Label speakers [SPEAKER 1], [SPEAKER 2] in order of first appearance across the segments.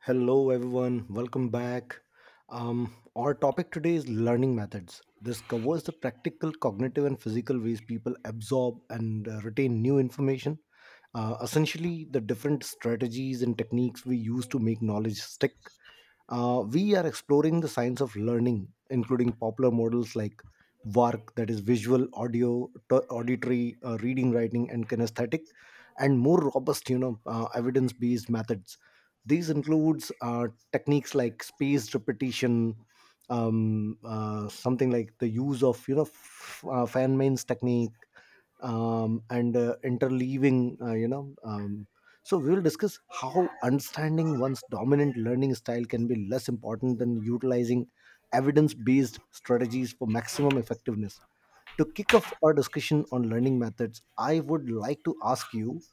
[SPEAKER 1] Hello, everyone. Welcome back. Our topic today is learning methods. This covers the practical, cognitive, and physical ways people absorb and retain new information. Essentially, the different strategies and techniques we use to make knowledge stick. We are exploring the science of learning, including popular models like VARC, that is visual, audio, auditory, reading, writing, and kinesthetic, and more robust, evidence-based methods. These includes techniques like spaced repetition, something like the use of fan mains technique, and interleaving, so we will discuss how understanding one's dominant learning style can be less important than utilizing evidence-based strategies for maximum effectiveness. To kick off our discussion on learning methods, I would like to ask you: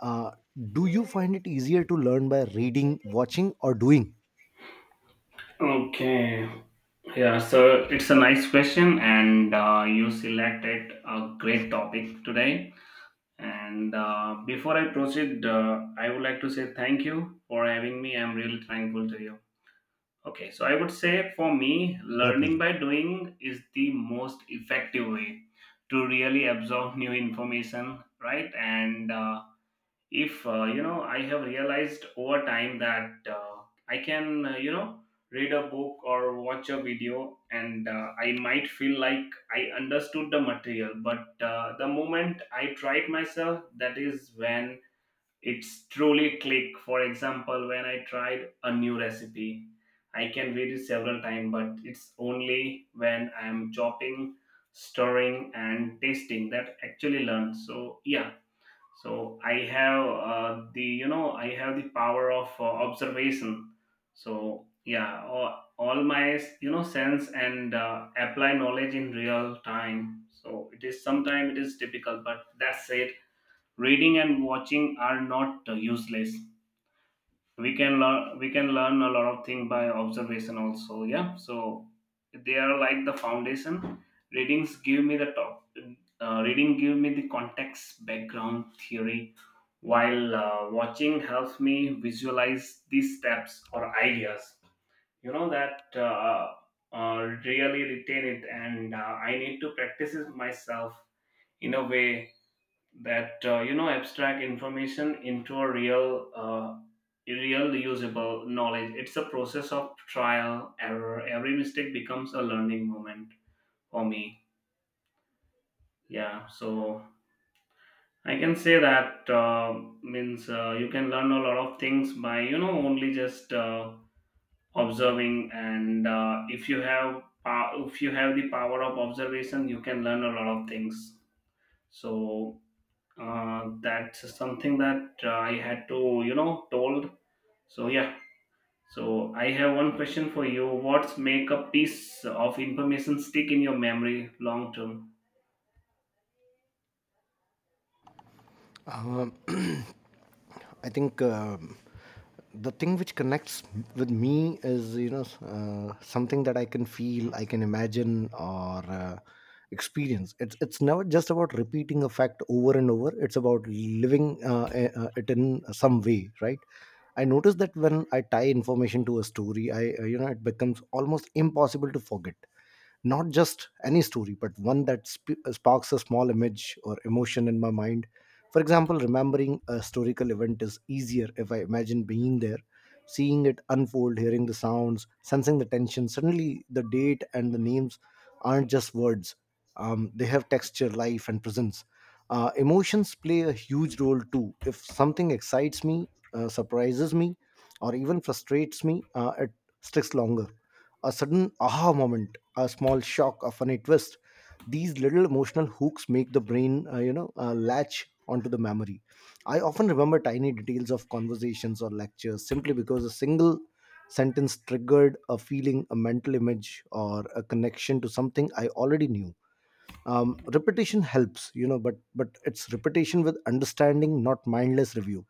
[SPEAKER 1] uh, do you find it easier to learn by reading, watching, or doing?
[SPEAKER 2] Okay. Yeah, so it's a nice question, and you selected a great topic today. And before I proceed, I would like to say thank you for having me. I'm really thankful to you. Okay, so I would say for me,
[SPEAKER 1] My
[SPEAKER 2] learning
[SPEAKER 1] pleasure.
[SPEAKER 2] by doing is the most effective way to really absorb new information, right? And if I have realized over time that I can you know read a book or watch a video, and I might feel like I understood the material, but the moment I tried myself, that is when it's truly click. For example, when I tried a new recipe, I can read it several times, but it's only when I'm chopping, stirring and tasting that actually learn. So yeah, so I have the you know I have the power of observation. So yeah, all my you know sense and apply knowledge in real time, so it is sometimes it is difficult, but that's it. Reading and watching are not useless. We can learn a lot of things by observation also, yeah. So they are like the foundation. Readings give me the top, reading give me the context, background, theory, while watching helps me visualize these steps or ideas, you know. That uh, Really retain it, and I need to practice it myself, in a way that you know abstract information into a real real usable knowledge. It's a process of trial error. Every mistake becomes a learning moment for me. Yeah, so I can say that means you can learn a lot of things by you know only just observing, and if you have the power of observation, you can learn a lot of things. So that's something that I had to, you know, told. So yeah. So I have one question for you. What's make a piece of information stick in your memory long term?
[SPEAKER 1] Um, I think, the thing which connects with me is something that I can feel, I can imagine, or experience. It's never just about repeating a fact over and over. It's about living it in some way, right? I notice that when I tie information to a story, I it becomes almost impossible to forget, not just any story but one that sparks a small image or emotion in my mind. For example, remembering a historical event is easier if I imagine being there, seeing it unfold, hearing the sounds, sensing the tension. Suddenly the date and the names aren't just words, they have texture, life, and presence. Emotions play a huge role too. If something excites me, surprises me, or even frustrates me, it sticks longer. A sudden aha moment, a small shock of a twist, these little emotional hooks make the brain latch onto the memory. I often remember tiny details of conversations or lectures simply because a single sentence triggered a feeling, a mental image, or a connection to something I already knew. Repetition helps, you know, but it's repetition with understanding, not mindless review.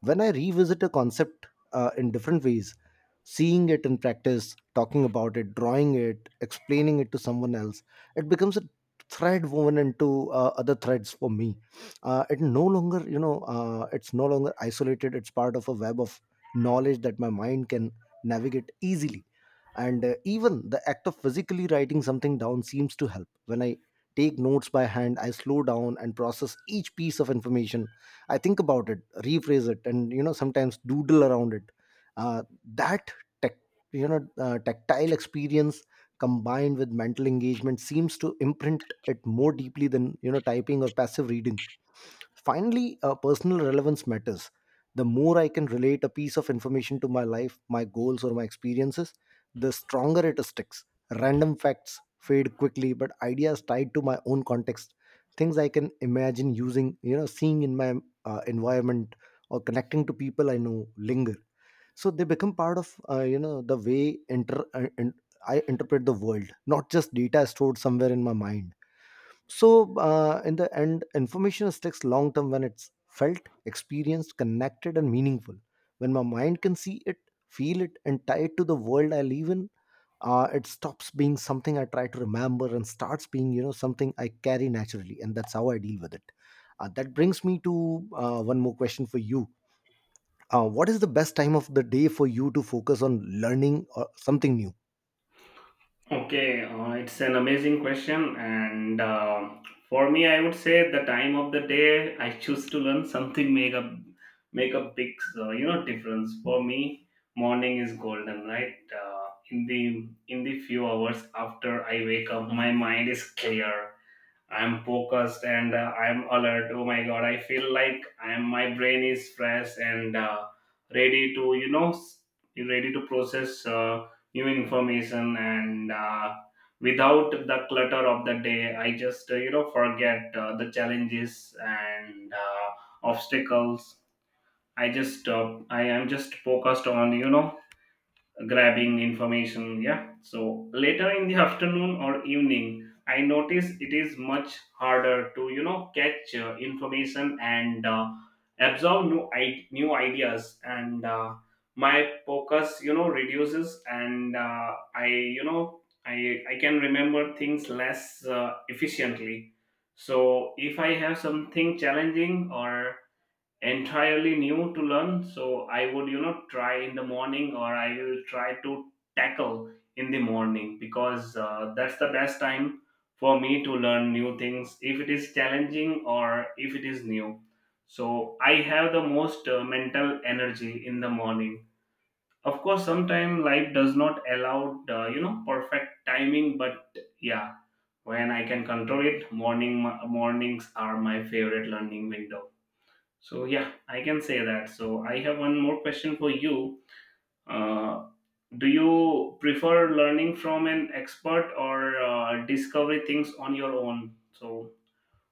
[SPEAKER 1] When I revisit a concept in different ways, seeing it in practice, talking about it, drawing it, explaining it to someone else, it becomes a thread woven into other threads for me. It's no longer isolated, it's part of a web of knowledge that my mind can navigate easily. And even the act of physically writing something down seems to help. When I take notes by hand, I slow down and process each piece of information. I think about it, rephrase it, and you know, sometimes doodle around it. Uh, that tech, you know Tactile experience combined with mental engagement seems to imprint it more deeply than, you know, typing or passive reading. Finally, personal relevance matters. The more I can relate a piece of information to my life, my goals, or my experiences, the stronger it sticks. Random facts fade quickly, but ideas tied to my own context, things I can imagine using, you know, seeing in my environment, or connecting to people I know, linger. So they become part of, you know, the way inter- and I interpret the world, not just data stored somewhere in my mind. So in the end, information sticks long term when it's felt, experienced, connected, and meaningful. When my mind can see it, feel it, and tie it to the world I live in, it stops being something I try to remember and starts being, you know, something I carry naturally, and that's how I deal with it. That brings me to one more question for you. What is the best time of the day for you to focus on learning or something new?
[SPEAKER 2] Okay, it's an amazing question, and for me, I would say the time of the day I choose to learn something make a make a big you know difference for me. Morning is golden, right? In the few hours after I wake up, my mind is clear, I'm focused and I'm alert. Oh my god, I feel like I'm my brain is fresh and ready to you know ready to process new information, and without the clutter of the day, I just you know forget the challenges and obstacles. I just I am just focused on you know grabbing information. Yeah. So later in the afternoon or evening, I notice it is much harder to you know catch information and absorb new new ideas, and my focus you know reduces, and I you know I can remember things less efficiently. So if I have something challenging or entirely new to learn, so I would you know try in the morning, or I will try to tackle in the morning, because that's the best time for me to learn new things if it is challenging or if it is new. So I have the most mental energy in the morning. Of course, sometimes life does not allow you know perfect timing, but yeah, when I can control it, mornings are my favorite learning window. So yeah, I can say that. So I have one more question for you. Uh, do you prefer learning from an expert, or discovery things on your own? So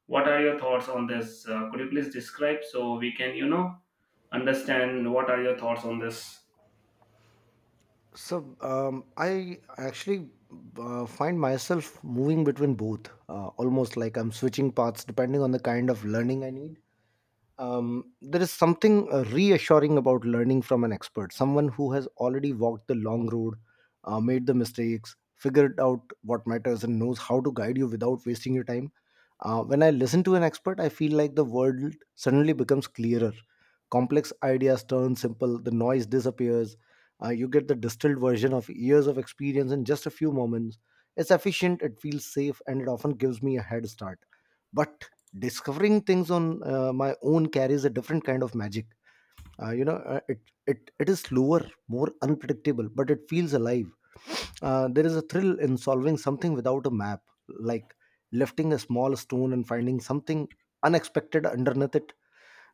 [SPEAKER 2] what are your thoughts on this? Could you please describe, so we can you know understand what are your thoughts on this?
[SPEAKER 1] So I actually find myself moving between both, almost like I'm switching paths depending on the kind of learning I need. There is something reassuring about learning from an expert, someone who has already walked the long road, made the mistakes, figured out what matters, and knows how to guide you without wasting your time. When I listen to an expert, I feel like the world suddenly becomes clearer. Complex ideas turn simple, the noise disappears, you get the distilled version of years of experience in just a few moments. It's efficient, it feels safe, and it often gives me a head start. But discovering things on my own carries a different kind of magic. uh, you know uh, it, it it is slower, more unpredictable, but it feels alive. There is a thrill in solving something without a map, like lifting a small stone and finding something unexpected underneath it.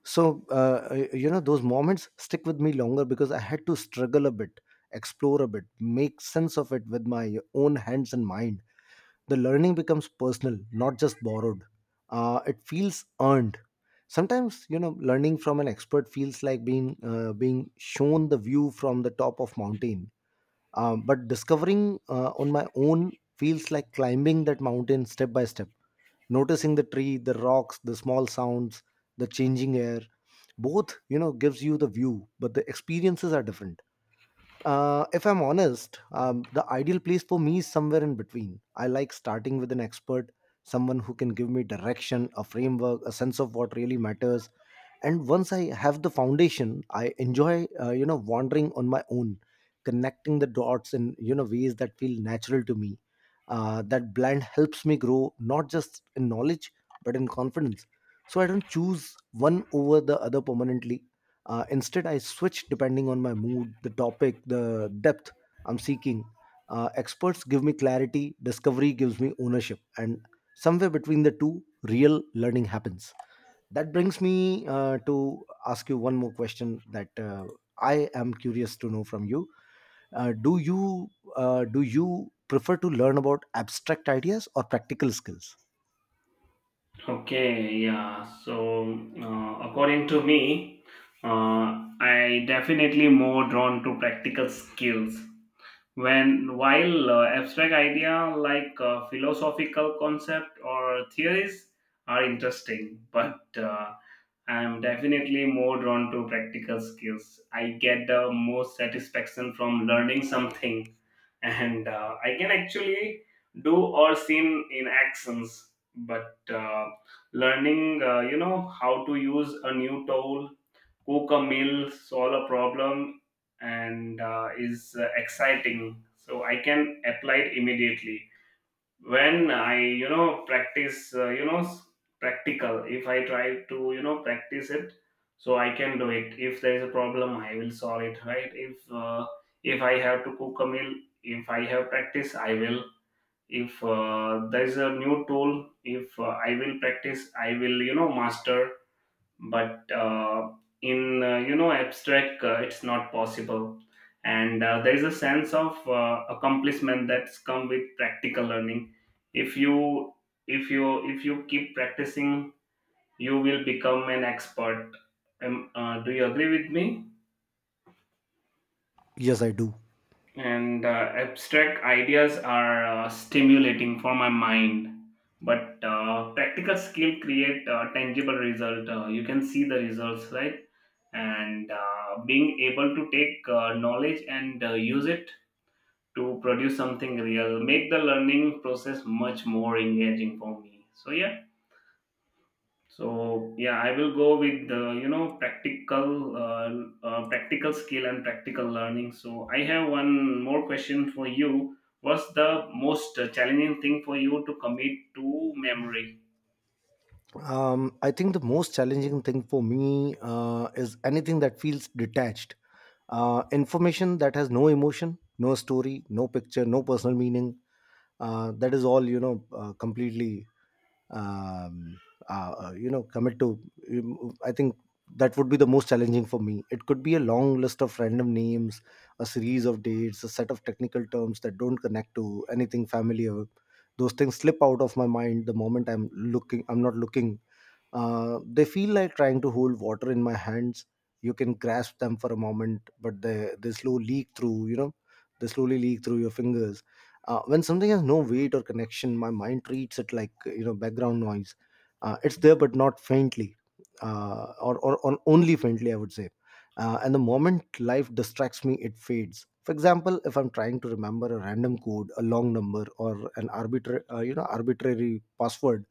[SPEAKER 1] So those moments stick with me longer because I had to struggle a bit, explore a bit, make sense of it with my own hands and mind. The learning becomes personal, not just borrowed. It feels earned. Sometimes, you know, learning from an expert feels like being being shown the view from the top of mountain. But discovering on my own feels like climbing that mountain step by step, noticing the tree, the rocks, the small sounds, the changing air. Both, you know, gives you the view, but the experiences are different. If I'm honest, the ideal place for me is somewhere in between. I like starting with an expert, someone who can give me direction, a framework, a sense of what really matters. And once I have the foundation, I enjoy you know wandering on my own, connecting the dots in, you know, ways that feel natural to me. That blend helps me grow, not just in knowledge but in confidence. So I don't choose one over the other permanently. Instead, I switch depending on my mood, the topic, the depth I'm seeking. Experts give me clarity, discovery gives me ownership, and somewhere between the two, real learning happens. That brings me to ask you one more question that, I am curious to know from you. uh, do you do you prefer to learn about abstract ideas or practical skills?
[SPEAKER 2] Okay, yeah. So according to me, I definitely more drawn to practical skills. When while abstract idea like philosophical concept or theories are interesting but I'm definitely more drawn to practical skills. I get the most satisfaction from learning something and I can actually do or seen in actions. But learning you know how to use a new tool, cook a meal, solve a problem, and is exciting. So I can apply it immediately when I you know practice you know practical. If I try to you know practice it, so I can do it. If there is a problem, I will solve it. Right? If I have to cook a meal, if I have practice, I will. If there is a new tool, if I will practice, I will you know master. But in you know abstract, it's not possible. And there is a sense of accomplishment that's come with practical learning. If you if you keep practicing, you will become an expert. Um, do you agree with me?
[SPEAKER 1] Yes, I do.
[SPEAKER 2] And abstract ideas are stimulating for my mind, but practical skill create a tangible result. Uh, you can see the results, right? And being able to take knowledge and use it to produce something real make the learning process much more engaging for me. So yeah, so yeah, I will go with the you know practical practical skill and practical learning. So I have one more question for you. What's the most challenging thing for you to commit to memory?
[SPEAKER 1] I think the most challenging thing for me is anything that feels detached. Information that has no emotion, no story, no picture, no personal meaning, that is all you know completely um, you know commit to I think that would be the most challenging for me. It could be a long list of random names, a series of dates, a set of technical terms that don't connect to anything familiar. Those things slip out of my mind the moment I'm not looking. They feel like trying to hold water in my hands. You can grasp them for a moment, but they slowly leak through, you know, they slowly leak through your fingers. When something has no weight or connection, my mind treats it like, you know, background noise. It's there, but not faintly, or only faintly, I would say. And the moment life distracts me, it fades. For example, if I'm trying to remember a random code, a long number, or an arbitrary arbitrary password,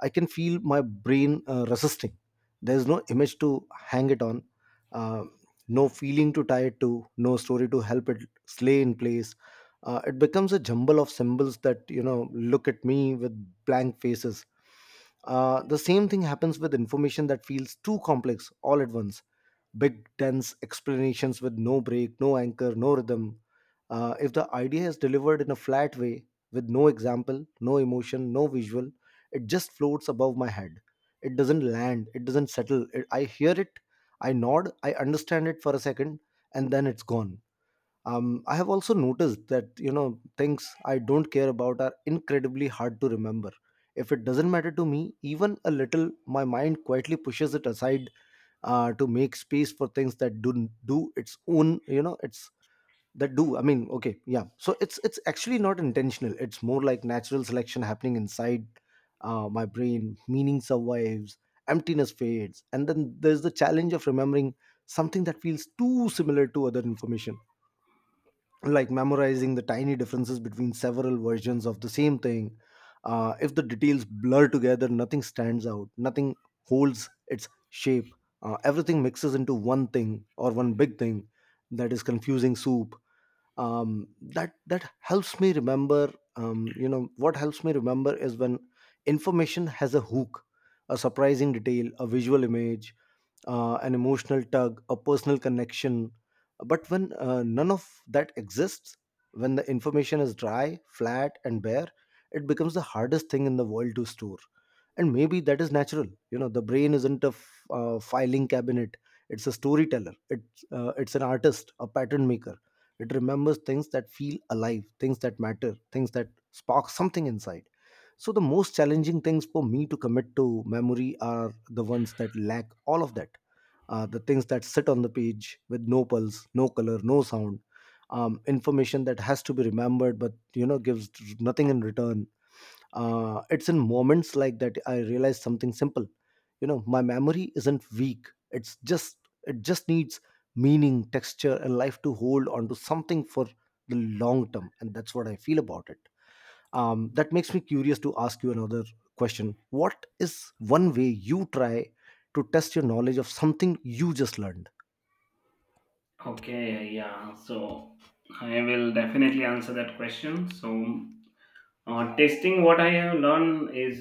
[SPEAKER 1] I can feel my brain resisting. There's no image to hang it on, uh, no feeling to tie it to, no story to help it slay in place. It becomes a jumble of symbols that, you know, look at me with blank faces. The same thing happens with information that feels too complex all at once, big, tense explanations with no break, no anchor, no rhythm. If the idea is delivered in a flat way, with no example, no emotion, no visual, it just floats above my head. It doesn't land, it doesn't settle. It, I hear it, I nod, I understand it for a second, and then it's gone. I have also noticed that, you know, things I don't care about are incredibly hard to remember. If it doesn't matter to me, even a little, my mind quietly pushes it aside to make space for things that do do its own you know it's that do I mean Okay, yeah, so it's actually not intentional, it's more like natural selection happening inside my brain. Meaning survives, emptiness fades. And then there's the challenge of remembering something that feels too similar to other information, like memorizing the tiny differences between several versions of the same thing. If the details blur together, nothing stands out, nothing holds its shape. Everything mixes into one thing, or one big thing that is confusing soup. That helps me remember. You know what helps me remember is when information has a hook, a surprising detail, a visual image, an emotional tug, a personal connection. But when none of that exists, when the information is dry, flat, and bare, it becomes the hardest thing in the world to store. And maybe that is natural. You know, the brain isn't a filing cabinet; it's a storyteller. It's an artist, a pattern maker. It remembers things that feel alive, things that matter, things that spark something inside. So the most challenging things for me to commit to memory are the ones that lack all of that, the things that sit on the page with no pulse, no color, no sound, information that has to be remembered but gives nothing in return. It's in moments like that I realize something simple. You know, my memory isn't weak. It just needs meaning, texture, and life to hold on to something for the long term, and that's what I feel about it that makes me curious to ask you another question. What is one way you try to test your knowledge of something you just learned?
[SPEAKER 2] Okay, yeah. So I will definitely answer that question. So testing what I have learned is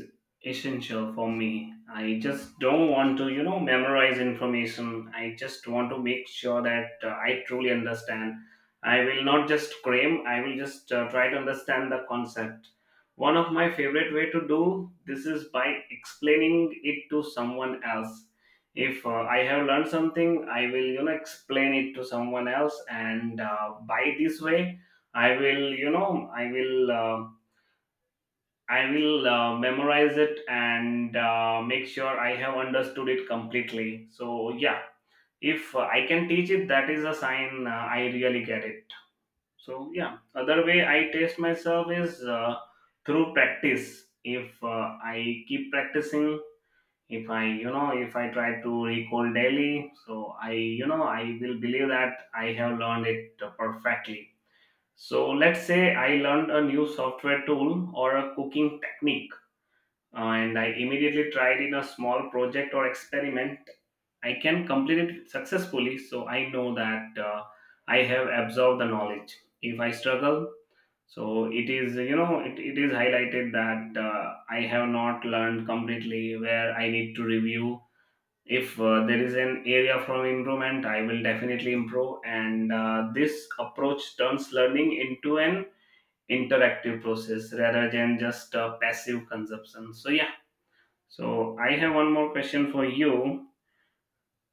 [SPEAKER 2] essential for me. I just don't want to, you know, memorize information. I just want to make sure that I truly understand. I will not just cram. I will just try to understand the concept. One of my favorite way to do this is by explaining it to someone else. If I have learned something, I will, you know, explain it to someone else, and by this way, I will, you know, I will. I will memorize it, and make sure I have understood it completely. So, yeah, if I can teach it, that is a sign I really get it. So, yeah, other way I test myself is through practice. If I keep practicing, if I, you know, if I try to recall daily, so I, you know, I will believe that I have learned it perfectly. So, let's say I learned a new software tool or a cooking technique, and I immediately tried in a small project or experiment. I can complete it successfully, so I know that I have absorbed the knowledge. If I struggle, so it is you know it is highlighted that I have not learned completely where I need to review. If there is an area for improvement, I will definitely improve. And this approach turns learning into an interactive process rather than just passive consumption. So yeah, so I have one more question for you.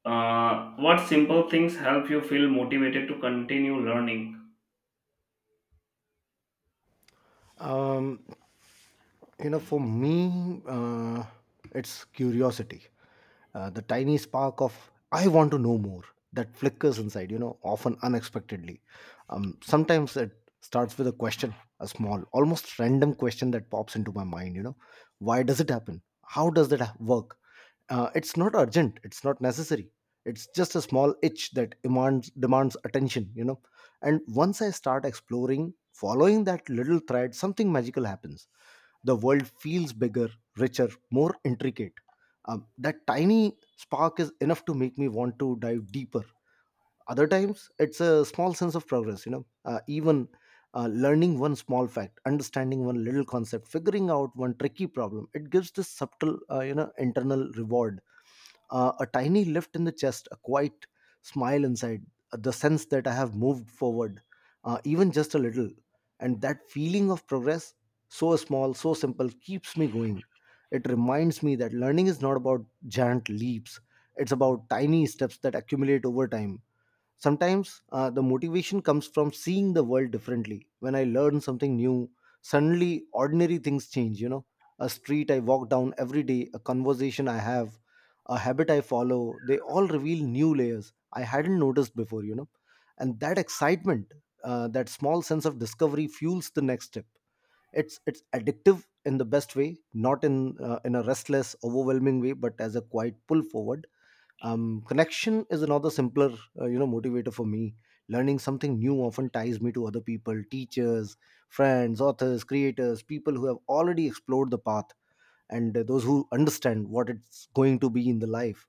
[SPEAKER 2] What simple things help you feel motivated to continue learning?
[SPEAKER 1] um, You know, for me, it's curiosity. The tiny spark of, I want to know more, that flickers inside, you know, often unexpectedly. Sometimes it starts with a question, a small, almost random question that pops into my mind, you know, why does it happen? How does that work? It's not urgent, it's not necessary. It's just a small itch that demands attention, you know. And once I start exploring, following that little thread, something magical happens. The world feels bigger, richer, more intricate. That tiny spark is enough to make me want to dive deeper. Other times it's a small sense of progress, you know, even learning one small fact, understanding one little concept, figuring out one tricky problem, it gives this subtle, internal reward, a tiny lift in the chest, a quiet smile inside, the sense that I have moved forward, even just a little. And that feeling of progress, so small, so simple, keeps me going. It reminds me that learning is not about giant leaps, it's about tiny steps that accumulate over time. Sometimes the motivation comes from seeing the world differently. When I learn something new, suddenly ordinary things change, you know. A street I walk down every day, a conversation I have, a habit I follow, they all reveal new layers I hadn't noticed before, you know. And that excitement, that small sense of discovery fuels the next step. It's addictive in the best way, not in a restless, overwhelming way, but as a quiet pull forward. Um, connection is another simpler, motivator for me. Learning something new often ties me to other people: teachers, friends, authors, creators, people who have already explored the path and those who understand what it's going to be in the life.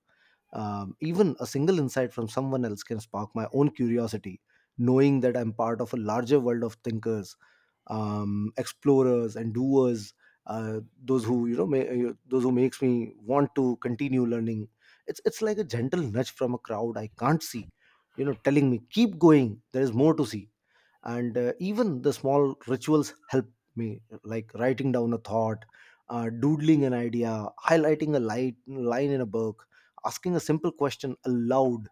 [SPEAKER 1] Um, even a single insight from someone else can spark my own curiosity. Knowing that I'm part of a larger world of thinkers, explorers and doers, those who, those who makes me want to continue learning. It's like a gentle nudge from a crowd I can't see, you know, telling me, keep going, there is more to see. And even the small rituals help me, like writing down a thought, doodling an idea, highlighting a light line in a book, asking a simple question aloud.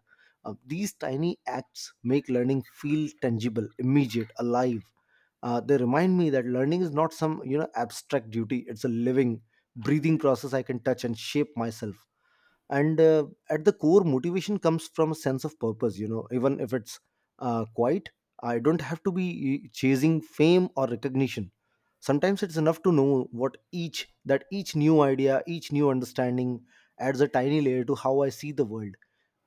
[SPEAKER 1] These tiny acts make learning feel tangible, immediate, alive. They remind me that learning is not some, abstract duty, it's a living, breathing process I can touch and shape myself. And at the core, motivation comes from a sense of purpose, you know, even if it's quiet. I don't have to be, chasing fame or recognition. Sometimes it's enough to know what each, that each new idea, each new understanding adds a tiny layer to how I see the world.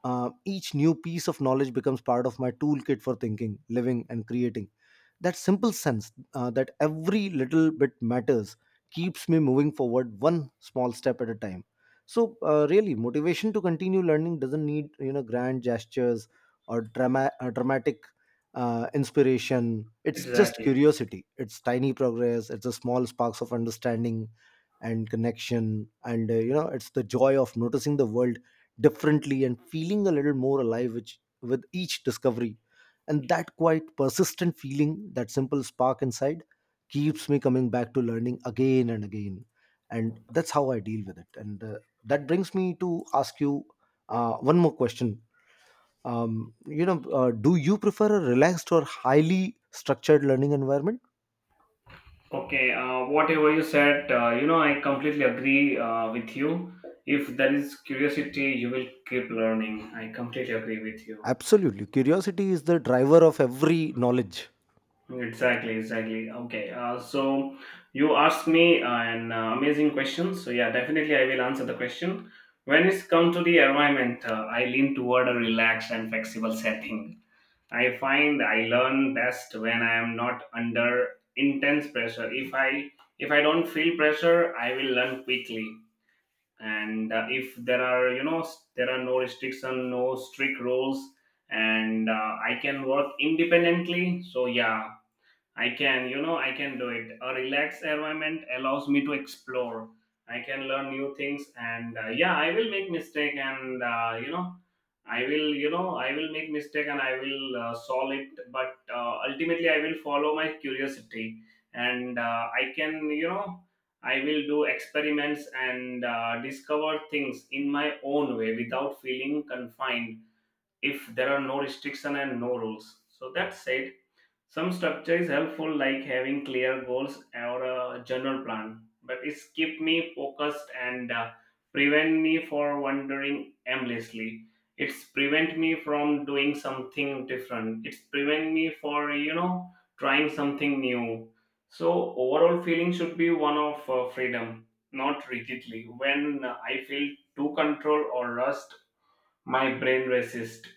[SPEAKER 1] Each new piece of knowledge becomes part of my toolkit for thinking, living and creating. That simple sense, that every little bit matters, keeps me moving forward one small step at a time. So, really, motivation to continue learning doesn't need, grand gestures or dramatic inspiration. It's just
[SPEAKER 2] Exactly.
[SPEAKER 1] curiosity. It's tiny progress. It's the small sparks of understanding and connection, and, it's the joy of noticing the world differently and feeling a little more alive, which with each discovery. And that quite persistent feeling, that simple spark inside, keeps me coming back to learning again and again. And that's how I deal with it. And that brings me to ask you one more question. Do you prefer a relaxed or highly structured learning environment?
[SPEAKER 2] Okay. Whatever you said, you know, I completely agree with you. If there is curiosity, you will keep learning. I completely agree with you.
[SPEAKER 1] Absolutely. Curiosity is the driver of every knowledge.
[SPEAKER 2] Exactly. Exactly. Okay. So you asked me an amazing question. So yeah, definitely I will answer the question. When it's come to the environment, I lean toward a relaxed and flexible setting. I find I learn best when I am not under intense pressure. If I don't feel pressure, I will learn quickly. And if there are you know there are no restriction, no strict rules, and I can work independently. So yeah, I can, you know, I can do it. A relaxed environment allows me to explore. I can learn new things, and yeah, I will make mistake, and you know, I will, you know, I will make mistake, and I will solve it. But ultimately, I will follow my curiosity, and I can, you know, I will do experiments and discover things in my own way without feeling confined. If there are no restriction and no rules, so that's it. Some structure is helpful, like having clear goals or a general plan, but it's keep me focused and prevent me for wandering aimlessly. It's prevent me from doing something different. It's prevent me for you know trying something new. So overall feeling should be one of freedom, not rigidly. When I feel too control or rust, my brain resists,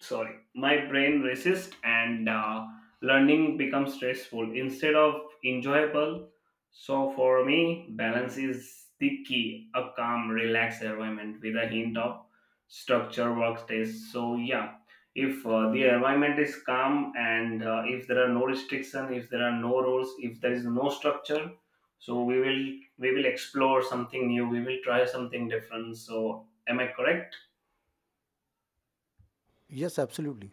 [SPEAKER 2] sorry, my brain resists, and learning becomes stressful instead of enjoyable. So for me, balance is the key. A calm relaxed environment with a hint of structure works best. So yeah, if the environment is calm, and if there are no restrictions, if there are no rules, if there is no structure, so we will explore something new, we will try something different. So am I correct?
[SPEAKER 1] Yes, absolutely.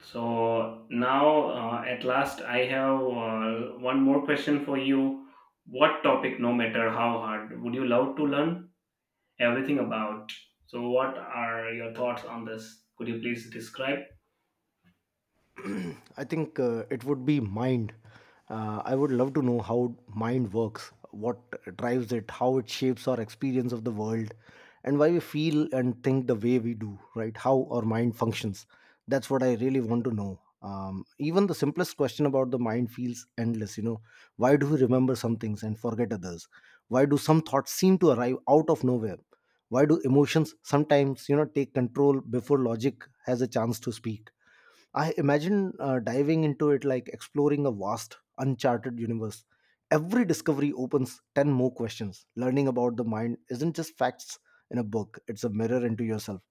[SPEAKER 2] So now, at last, I have one more question for you. What topic, no matter how hard, would you love to learn everything about? So, what are your thoughts on this? Could you please describe?
[SPEAKER 1] I think it would be mind. I would love to know how mind works, what drives it, how it shapes our experience of the world, and why we feel and think the way we do, right? How our mind functions. That's what I really want to know. Even the simplest question about the mind feels endless. You know, why do we remember some things and forget others? Why do some thoughts seem to arrive out of nowhere? Why do emotions sometimes, you know, take control before logic has a chance to speak? I imagine diving into it like exploring a vast, uncharted universe. Every discovery opens 10 more questions. Learning about the mind isn't just facts in a book, it's a mirror into yourself.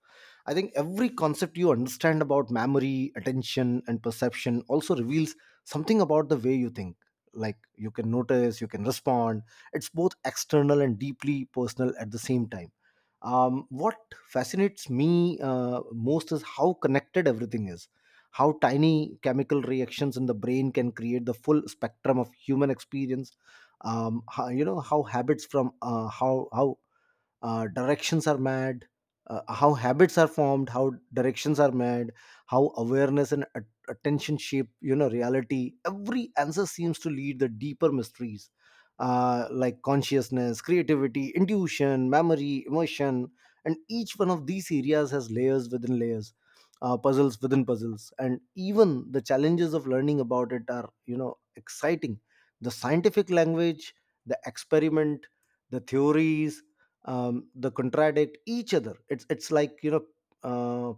[SPEAKER 1] I think every concept you understand about memory, attention, and perception also reveals something about the way you think. Like you can notice, you can respond. It's both external and deeply personal at the same time. What fascinates me most is how connected everything is, how tiny chemical reactions in the brain can create the full spectrum of human experience, how, you know how habits from how directions are made how habits are formed, how directions are made, how awareness and attention shape, reality. Every answer seems to lead the deeper mysteries, like consciousness, creativity, intuition, memory, emotion, and each one of these areas has layers within layers, puzzles within puzzles. And even the challenges of learning about it are, exciting: the scientific language, the experiment, the theories. Um, they contradict each other. It's like, uh,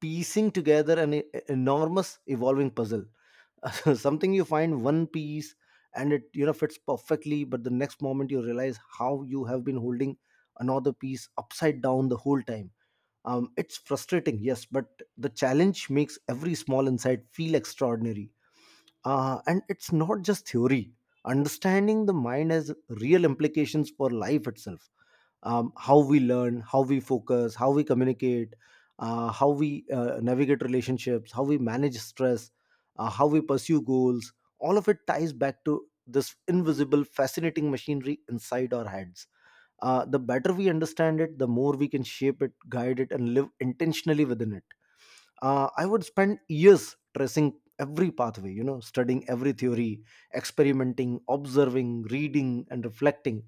[SPEAKER 1] piecing together an enormous, evolving puzzle. Something, you find one piece and it, fits perfectly, but the next moment you realize how you have been holding another piece upside down the whole time. Um, it's frustrating, yes, but the challenge makes every small insight feel extraordinary. Uh, and it's not just theory, understanding the mind has real implications for life itself. Um, how we learn, how we focus, how we communicate, how we navigate relationships, how we manage stress, how we pursue goals, all of it ties back to this invisible, fascinating machinery inside our heads. Uh, the better we understand it, the more we can shape it, guide it and live intentionally within it. I would spend years tracing every pathway, you know, studying every theory, experimenting, observing, reading and reflecting.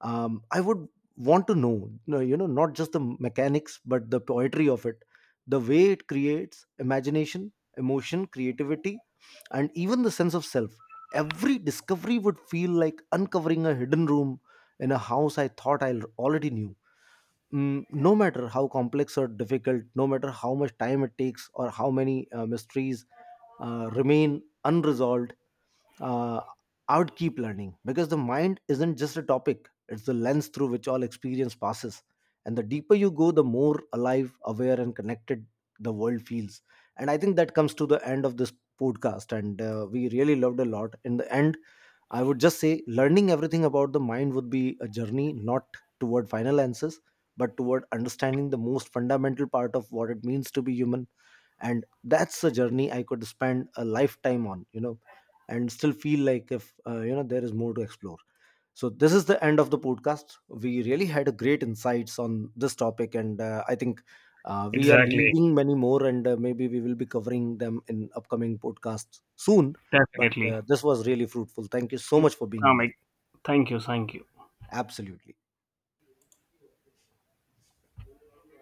[SPEAKER 1] I would want to know, not just the mechanics but the poetry of it, the way it creates imagination, emotion, creativity, and even the sense of self. Every discovery would feel like uncovering a hidden room in a house I thought I already knew. Mm, no matter how complex or difficult, no matter how much time it takes or how many mysteries remain unresolved, uh, I would keep learning, because the mind isn't just a topic, it's the lens through which all experience passes, and the deeper you go, the more alive, aware and connected the world feels. And I think that comes to the end of this podcast, and we really loved a lot. In the end, I would just say learning everything about the mind would be a journey not toward final answers, but toward understanding the most fundamental part of what it means to be human. And that's a journey I could spend a lifetime on, you know, and still feel like, if, you know, there is more to explore. So this is the end of the podcast. We really had a great insights on this topic, and I think we are
[SPEAKER 2] Exactly,
[SPEAKER 1] leaving many more, and maybe we will be covering them in upcoming podcasts soon. But
[SPEAKER 2] definitely.
[SPEAKER 1] this was really fruitful. Thank you so much for being
[SPEAKER 2] Um,
[SPEAKER 1] here.
[SPEAKER 2] I- Thank you, thank you.
[SPEAKER 1] Absolutely.